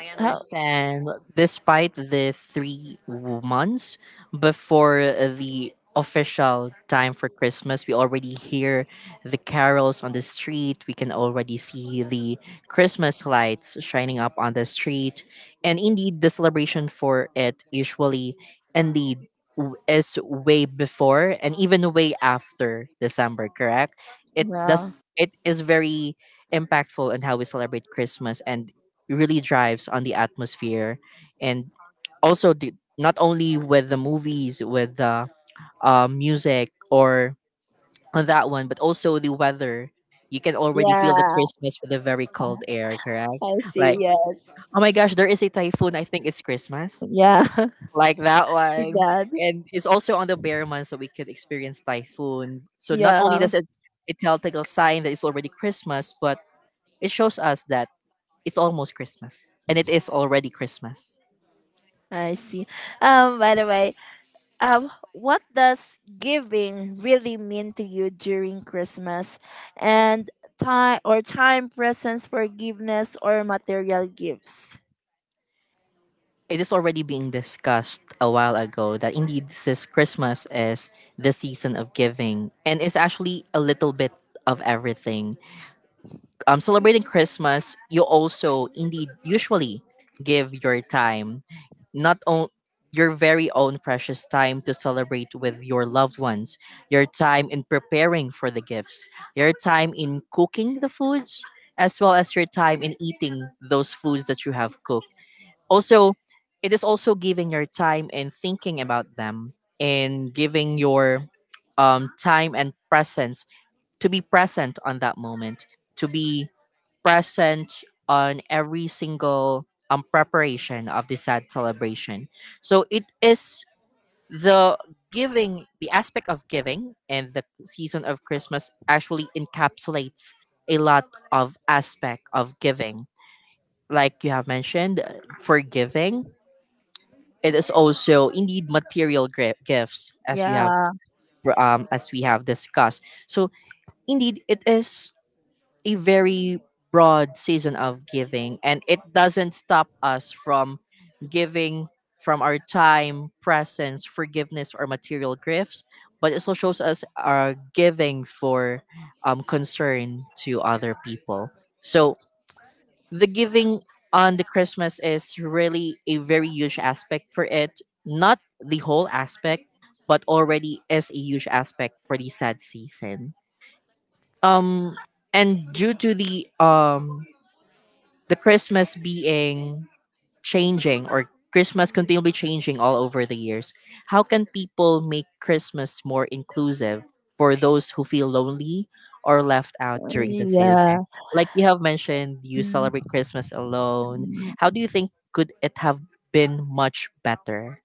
S1: I
S2: How,
S1: understand. Despite the three months before the official time for Christmas, we already hear the carols on the street. We can already see the Christmas lights shining up on the street. And indeed, the celebration for it usually indeed is way before and even way after December, correct? It
S2: yeah,
S1: does it is very impactful on how we celebrate Christmas and really drives on the atmosphere, and also the, not only with the movies, with the music, or on that one, but also the weather. You can already feel the
S2: yeah,
S1: Christmas with the very cold air, correct?
S2: I
S1: Like,
S2: see. Yes,
S1: oh my gosh, there is a typhoon, I think it's Christmas.
S2: yeah,
S1: Like that
S2: like
S1: one.
S2: that.
S1: And it's also on the bear month, so we could experience typhoon. So not only
S2: Yeah,
S1: does it a telltale sign that it's already Christmas, but it shows us that it's almost Christmas and it is already Christmas.
S2: I see. By the way, what does giving really mean to you during Christmas? And time, or time, presence, forgiveness, or material gifts.
S1: It is already being discussed a while ago that indeed this is Christmas is the season of giving, and it's actually a little bit of everything. Celebrating Christmas, you also indeed usually give your time, not only your very own precious time to celebrate with your loved ones, your time in preparing for the gifts, your time in cooking the foods, as well as your time in eating those foods that you have cooked. Also, it is also giving your time and thinking about them, and giving your time and presence to be present on that moment, to be present on every single preparation of the sad celebration. So it is the giving, the aspect of giving and the season of Christmas actually encapsulates a lot of aspect of giving. Like you have mentioned, forgiving, it is also indeed material gifts,
S2: Yeah.
S1: as we have discussed. So indeed, it is a very broad season of giving, and it doesn't stop us from giving from our time, presence, forgiveness, or material gifts. But it also shows us our giving for concern to other people. So the giving on the Christmas is really a very huge aspect for it. Not the whole aspect, but already is a huge aspect for the sad season. Um, and due to the Christmas being changing, or Christmas continually changing all over the years, how can people make Christmas more inclusive for those who feel lonely or left out during the season?
S2: Yeah.
S1: Like you have mentioned, you celebrate Christmas alone. How do you think could it have been much better?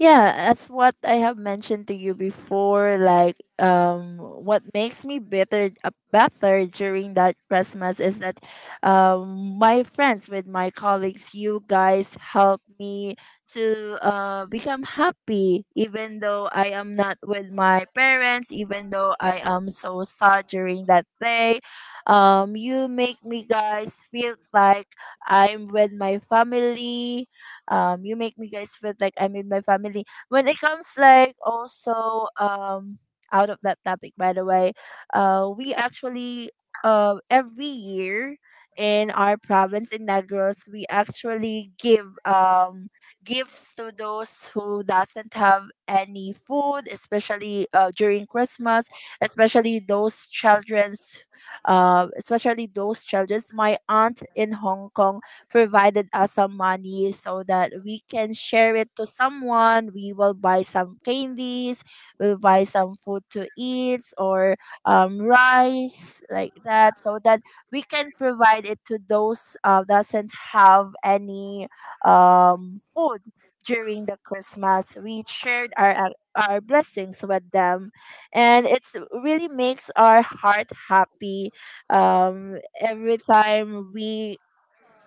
S2: Yeah, as what I have mentioned to you before, like, what makes me better during that Christmas is that, my friends with my colleagues, you guys help me to become happy, even though I am not with my parents, even though I am so sad during that day. You make me guys feel like I'm with my family. You make me guys feel like I'm in my family when it comes, like also, out of that topic, by the way. We actually every year in our province in Negros, we actually give gifts to those who doesn't have any food, especially during Christmas, especially those children's, especially those children's. My aunt in Hong Kong provided us some money so that we can share it to someone. We will buy some candies, we'll buy some food to eat, or rice like that, so that we can provide it to those doesn't have any food during the Christmas. We shared our blessings with them, and it's really makes our heart happy. Um, every time we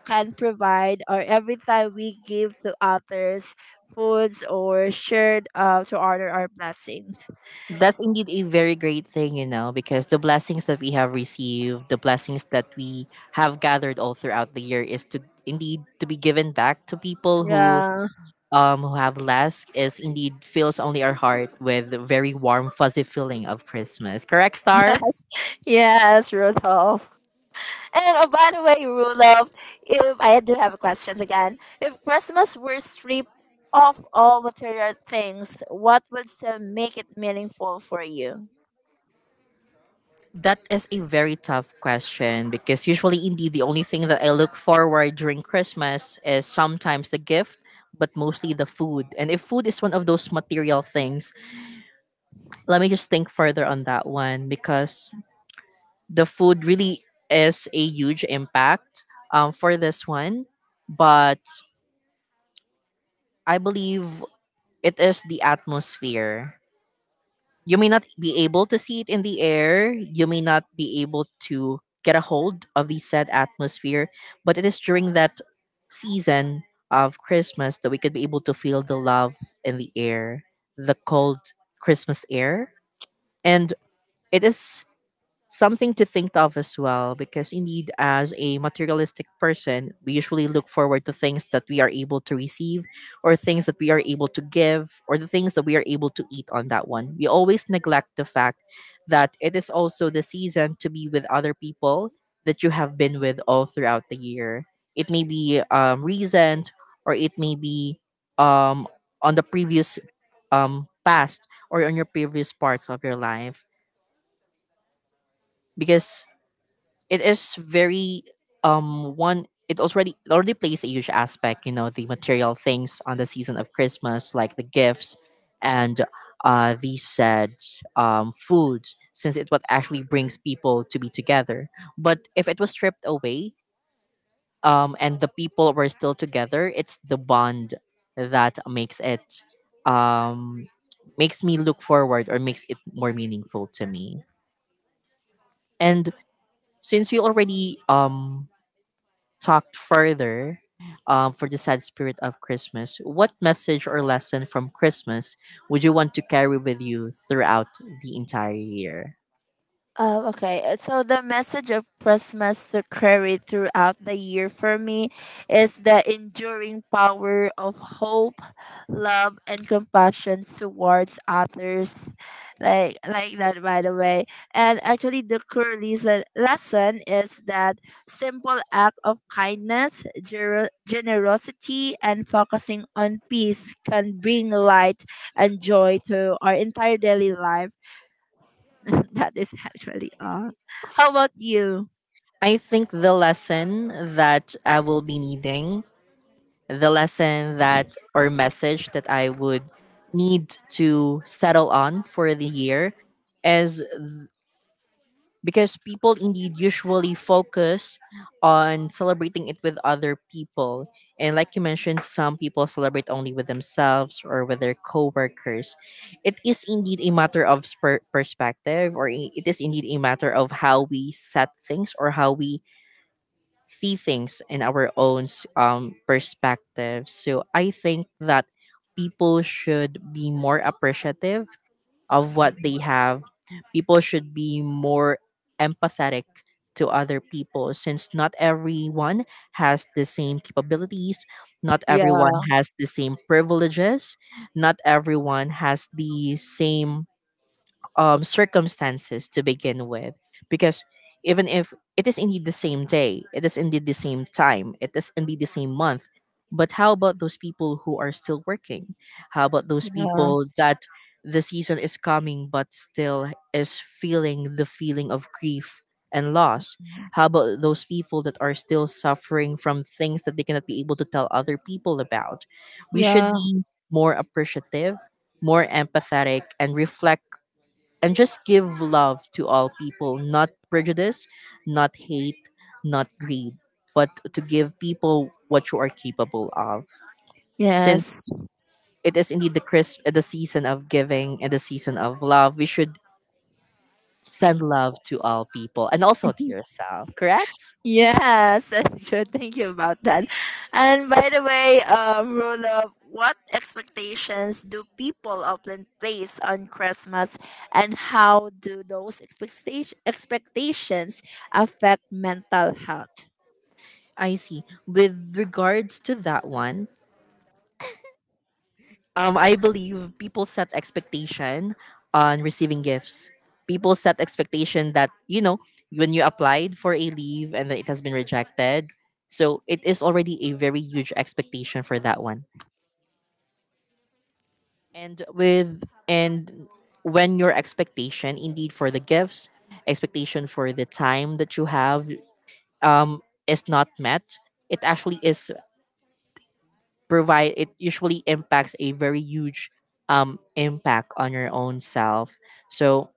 S2: can provide, or every time we give to others foods, or shared, to honor our blessings.
S1: That's indeed a very great thing, because the blessings that we have received, the blessings that we have gathered all throughout the year is to indeed to be given back to people who
S2: Yeah.
S1: um, who have less, is indeed fills only our heart with a very warm, fuzzy feeling of Christmas. Correct, Star?
S2: Yes. Yes, Rudolph. And, oh, by the way, Rudolph, if I do have a question again. If Christmas were stripped of all material things, what would still make it meaningful for you?
S1: That is a very tough question because usually, indeed, the only thing that I look forward during Christmas is sometimes the gift, but mostly the food. And if food is one of those material things, let me just think further on that one, because the food really is a huge impact for this one. But I believe it is the atmosphere. You may not be able to see it in the air. You may not be able to get a hold of the said atmosphere, but it is during that season of Christmas that we could be able to feel the love in the air, the cold Christmas air. And it is something to think of as well, because indeed, as a materialistic person, we usually look forward to things that we are able to receive, or things that we are able to give, or the things that we are able to eat on that one. We always neglect the fact that it is also the season to be with other people that you have been with all throughout the year. It may be recent, or it may be um, on the previous past, or on your previous parts of your life, because it is very one, it already plays a huge aspect, the material things on the season of Christmas, like the gifts, and the said food, since it what actually brings people to be together. But if it was stripped away, and the people were still together, it's the bond that makes it um makes me look forward, or makes it more meaningful to me. And since we already talked further for the sad spirit of Christmas, what message or lesson from Christmas would you want to carry with you throughout the entire year?
S2: Oh, okay. So the message of Christmas to carry throughout the year for me is the enduring power of hope, love, and compassion towards others, like that. By the way, and actually, the core lesson is that simple act of kindness, generosity, and focusing on peace can bring light and joy to our entire daily life. That is actually all. How about you?
S1: I think the lesson that I will be needing, the lesson that or message that I would need to settle on for the year is, because people indeed usually focus on celebrating it with other people. And like you mentioned, some people celebrate only with themselves or with their coworkers. It is indeed a matter of perspective, or it is indeed a matter of how we set things or how we see things in our own perspective. So I think that people should be more appreciative of what they have. People should be more empathetic to other people since not everyone has the same capabilities, not everyone
S2: Yeah,
S1: has the same privileges, not everyone has the same circumstances to begin with. Because even if it is indeed the same day, it is indeed the same time, it is indeed the same month, but how about those people who are still working? How about those people that the season is coming but still is feeling the feeling of grief and loss? How about those people that are still suffering from things that they cannot be able to tell other people about? We should
S2: yeah,
S1: be more appreciative, more empathetic, and reflect and just give love to all people, not prejudice, not hate, not greed, but to give people what you are capable of.
S2: yes,
S1: Since it is indeed the crisp, the season of giving and the season of love, we should send love to all people and also to yourself, correct?
S2: yes. That's good. Thank you about that. And by the way, Roloff, what expectations do people often place on Christmas, and how do those expectations affect mental health?
S1: I see. With regards to that one, I believe people set expectation on receiving gifts. People set expectation that you know when you applied for a leave and then it has been rejected, so it is already a very huge expectation for that one. And when your expectation indeed for the gifts, expectation for the time that you have is not met, it actually is provide it usually impacts a very huge impact on your own self. So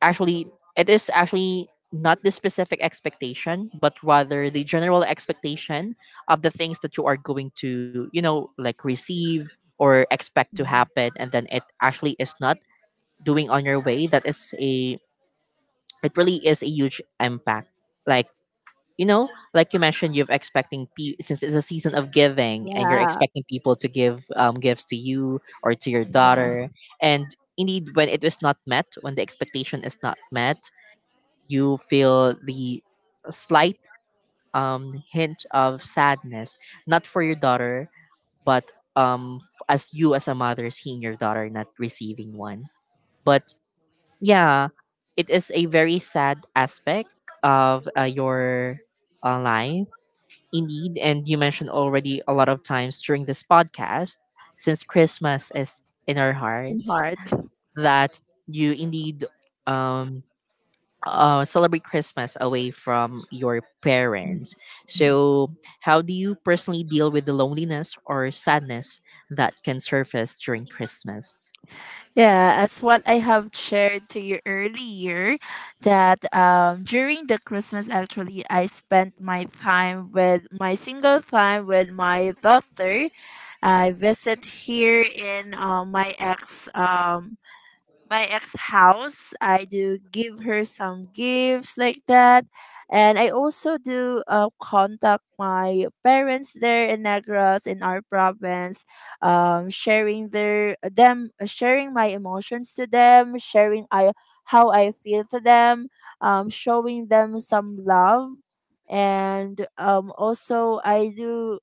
S1: actually it is actually not the specific expectation but rather the general expectation of the things that you are going to you know like receive or expect to
S2: Mm.
S1: happen and then it actually is not doing on your way that is a it really is a huge impact like you know like you mentioned you're expecting since it's a season of giving and you're
S2: Yeah,
S1: expecting people to give gifts to you or to your
S2: yeah,
S1: daughter and indeed when it is not met when the expectation is not met you feel the slight hint of sadness, not for your daughter, but as you as a mother seeing your daughter not receiving one. But yeah, it is a very sad aspect of your life, indeed. And you mentioned already a lot of times during this podcast, since Christmas is in our
S2: in
S1: hearts,
S2: heart.
S1: that you indeed um, celebrate Christmas away from your parents. So, how do you personally deal with the loneliness or sadness that can surface during Christmas?
S2: Yeah, as what I have shared to you earlier, that, during the Christmas, actually, I spent my time with my single time with my daughter. I visit here in my ex. My ex house. I do give her some gifts like that. And I also do contact my parents there in Negros in our province, sharing their them, sharing my emotions to them, sharing I how I feel to them, showing them some love. And also I do,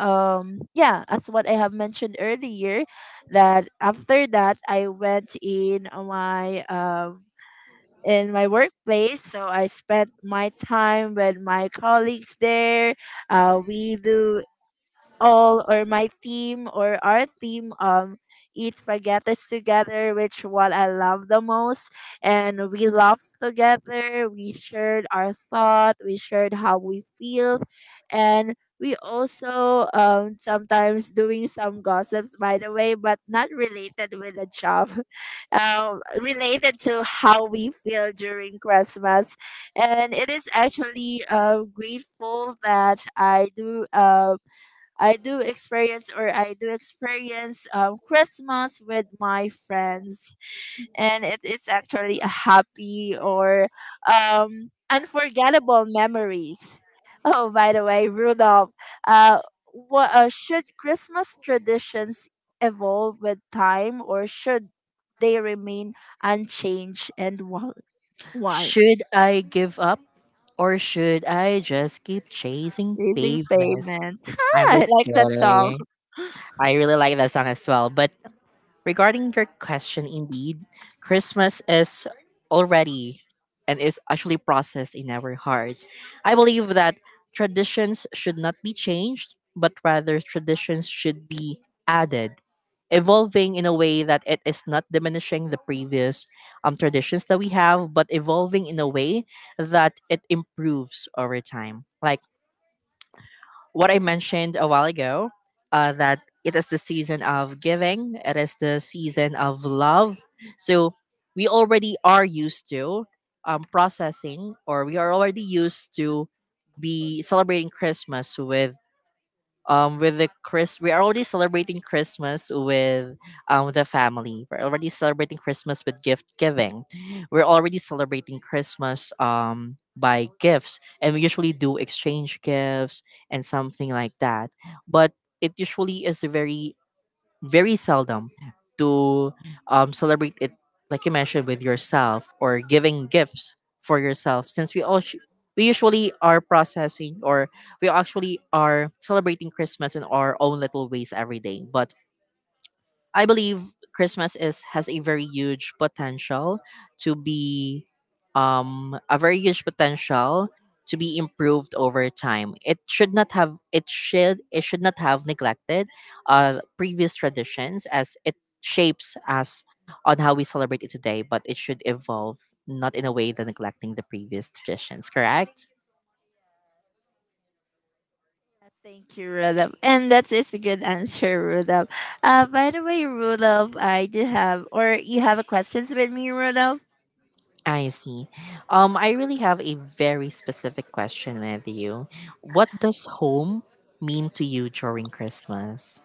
S2: yeah, as what I have mentioned earlier, that after that I went in my workplace, so I spent my time with my colleagues there. We do all or my team or our team, eat spaghetti together, which what I love the most, and we laughed together, we shared our thought, we shared how we feel. And we also sometimes doing some gossips, by the way, but not related with the job, related to how we feel during Christmas. And it is actually grateful that I do experience, Christmas with my friends, and it is actually a happy or unforgettable memories. Oh, by the way, Rudolph, uh, what should Christmas traditions evolve with time, or should they remain unchanged? And why?
S1: Should I give up or should I just keep chasing
S2: Raising
S1: pavements?
S2: payments.
S1: I
S2: I
S1: was
S2: like that song.
S1: kidding. I really like that song as well. But regarding your question, indeed, Christmas is already and is actually processed in our hearts. I believe that traditions should not be changed, but rather traditions should be added, evolving in a way that it is not diminishing the previous traditions that we have, but evolving in a way that it improves over time. Like what I mentioned a while ago, that it is the season of giving, it is the season of love. So we already are used to processing, or we are already used to be celebrating Christmas with the Chris we're already celebrating Christmas with the family. We're already celebrating Christmas with gift giving. We're already celebrating Christmas by gifts and we usually do exchange gifts and something like that. But it usually is a very very seldom to celebrate it, like you mentioned, with yourself or giving gifts for yourself. Since we all sh- We usually are processing or we actually are celebrating Christmas in our own little ways every day, but I believe Christmas is has a very huge potential to be a very huge potential to be improved over time. It should not have neglected previous traditions as it shapes us on how we celebrate it today, but it should evolve not in a way that neglecting the previous traditions, correct?
S2: Yes. Thank you, Rudolph. And that is a good answer, Rudolph. By the way, Rudolph, I do have, or you have a questions with me, Rudolph?
S1: I see. I really have a very specific question with you. What does home mean to you during Christmas?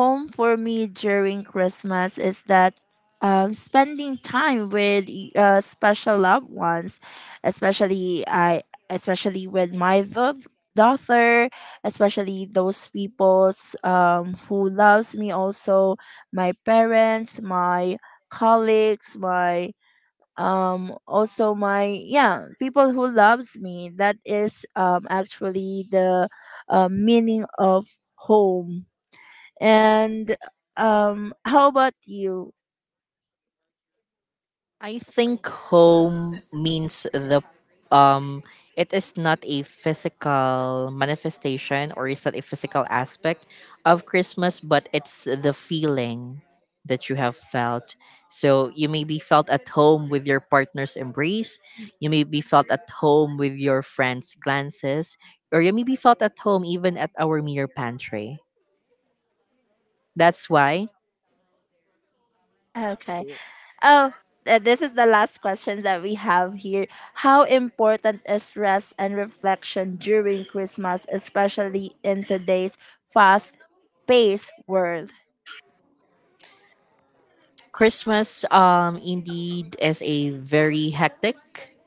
S2: Home for me during Christmas is that, spending time with special loved ones, especially especially with my daughter, especially those peoples, who loves me also, my parents, my colleagues, my also my yeah people who loves me. That is actually the meaning of home. And how about you?
S1: I think home means the um it is not a physical manifestation or is not a physical aspect of Christmas, but it's the feeling that you have felt. So you may be felt at home with your partner's embrace, you may be felt at home with your friend's glances, or you may be felt at home even at our mere pantry. That's why
S2: Okay. Oh, this is the last question that we have here. How important is rest and reflection during Christmas, especially in today's fast paced world?
S1: Christmas, indeed, is a very hectic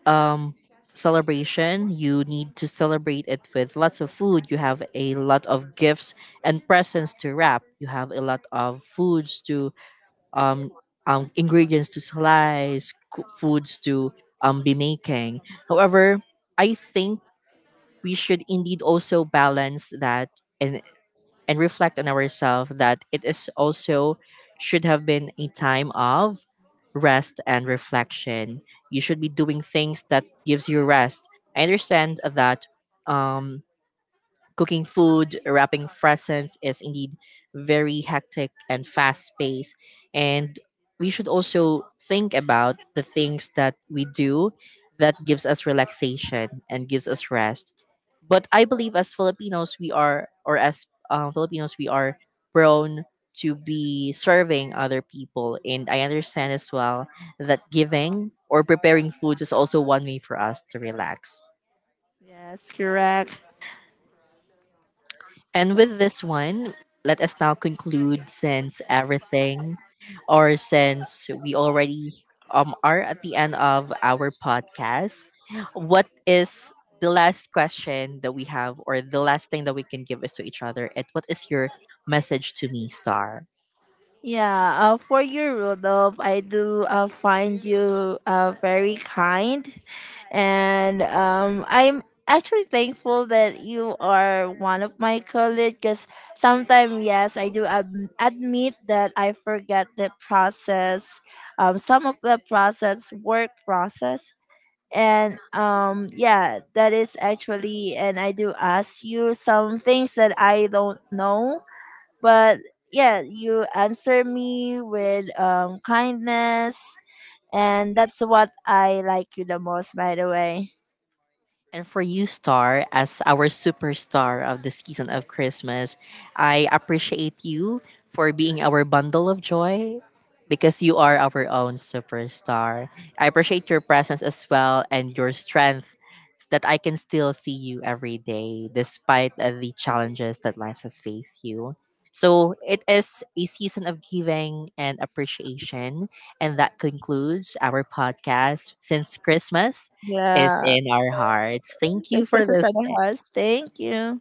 S1: um, celebration. You need to celebrate it with lots of food. You have a lot of gifts and presents to wrap. You have a lot of foods to um, ingredients to slice, foods to be making. However, I think we should indeed also balance that in and reflect on ourselves that it is also should have been a time of rest and reflection, you should be doing things that gives you rest. I understand that um cooking food, wrapping presents is indeed very hectic and fast paced. And we should also think about the things that we do that gives us relaxation and gives us rest. But I believe as Filipinos, we are, or as Filipinos, we are prone to be serving other people. And I understand as well that giving or preparing foods is also one way for us to relax.
S2: Yes, correct.
S1: And with this one, let us now conclude since everything, or since we already are at the end of our podcast, what is the last question that we have, or the last thing that we can give is to each other? And what is your message to me, Star?
S2: Yeah, for you, Rudolph, I do find you very kind. And I'm actually thankful that you are one of my colleagues, because sometimes, yes, I do admit that I forget the process, some of the process, work process. And yeah, that is actually. And I do ask you some things that I don't know, but yeah, you answer me with kindness, and that's what I like you the most, by the way.
S1: And for you, Star, as our superstar of the season of Christmas, I appreciate you for being our bundle of joy because you are our own superstar. I appreciate your presence as well and your strength that I can still see you every day despite the challenges that life has faced you. So it is a season of giving and appreciation. And that concludes our podcast since Christmas is
S2: Yeah,
S1: in our hearts. Thank you
S2: this
S1: for
S2: was a side
S1: this
S2: of us. Thank you.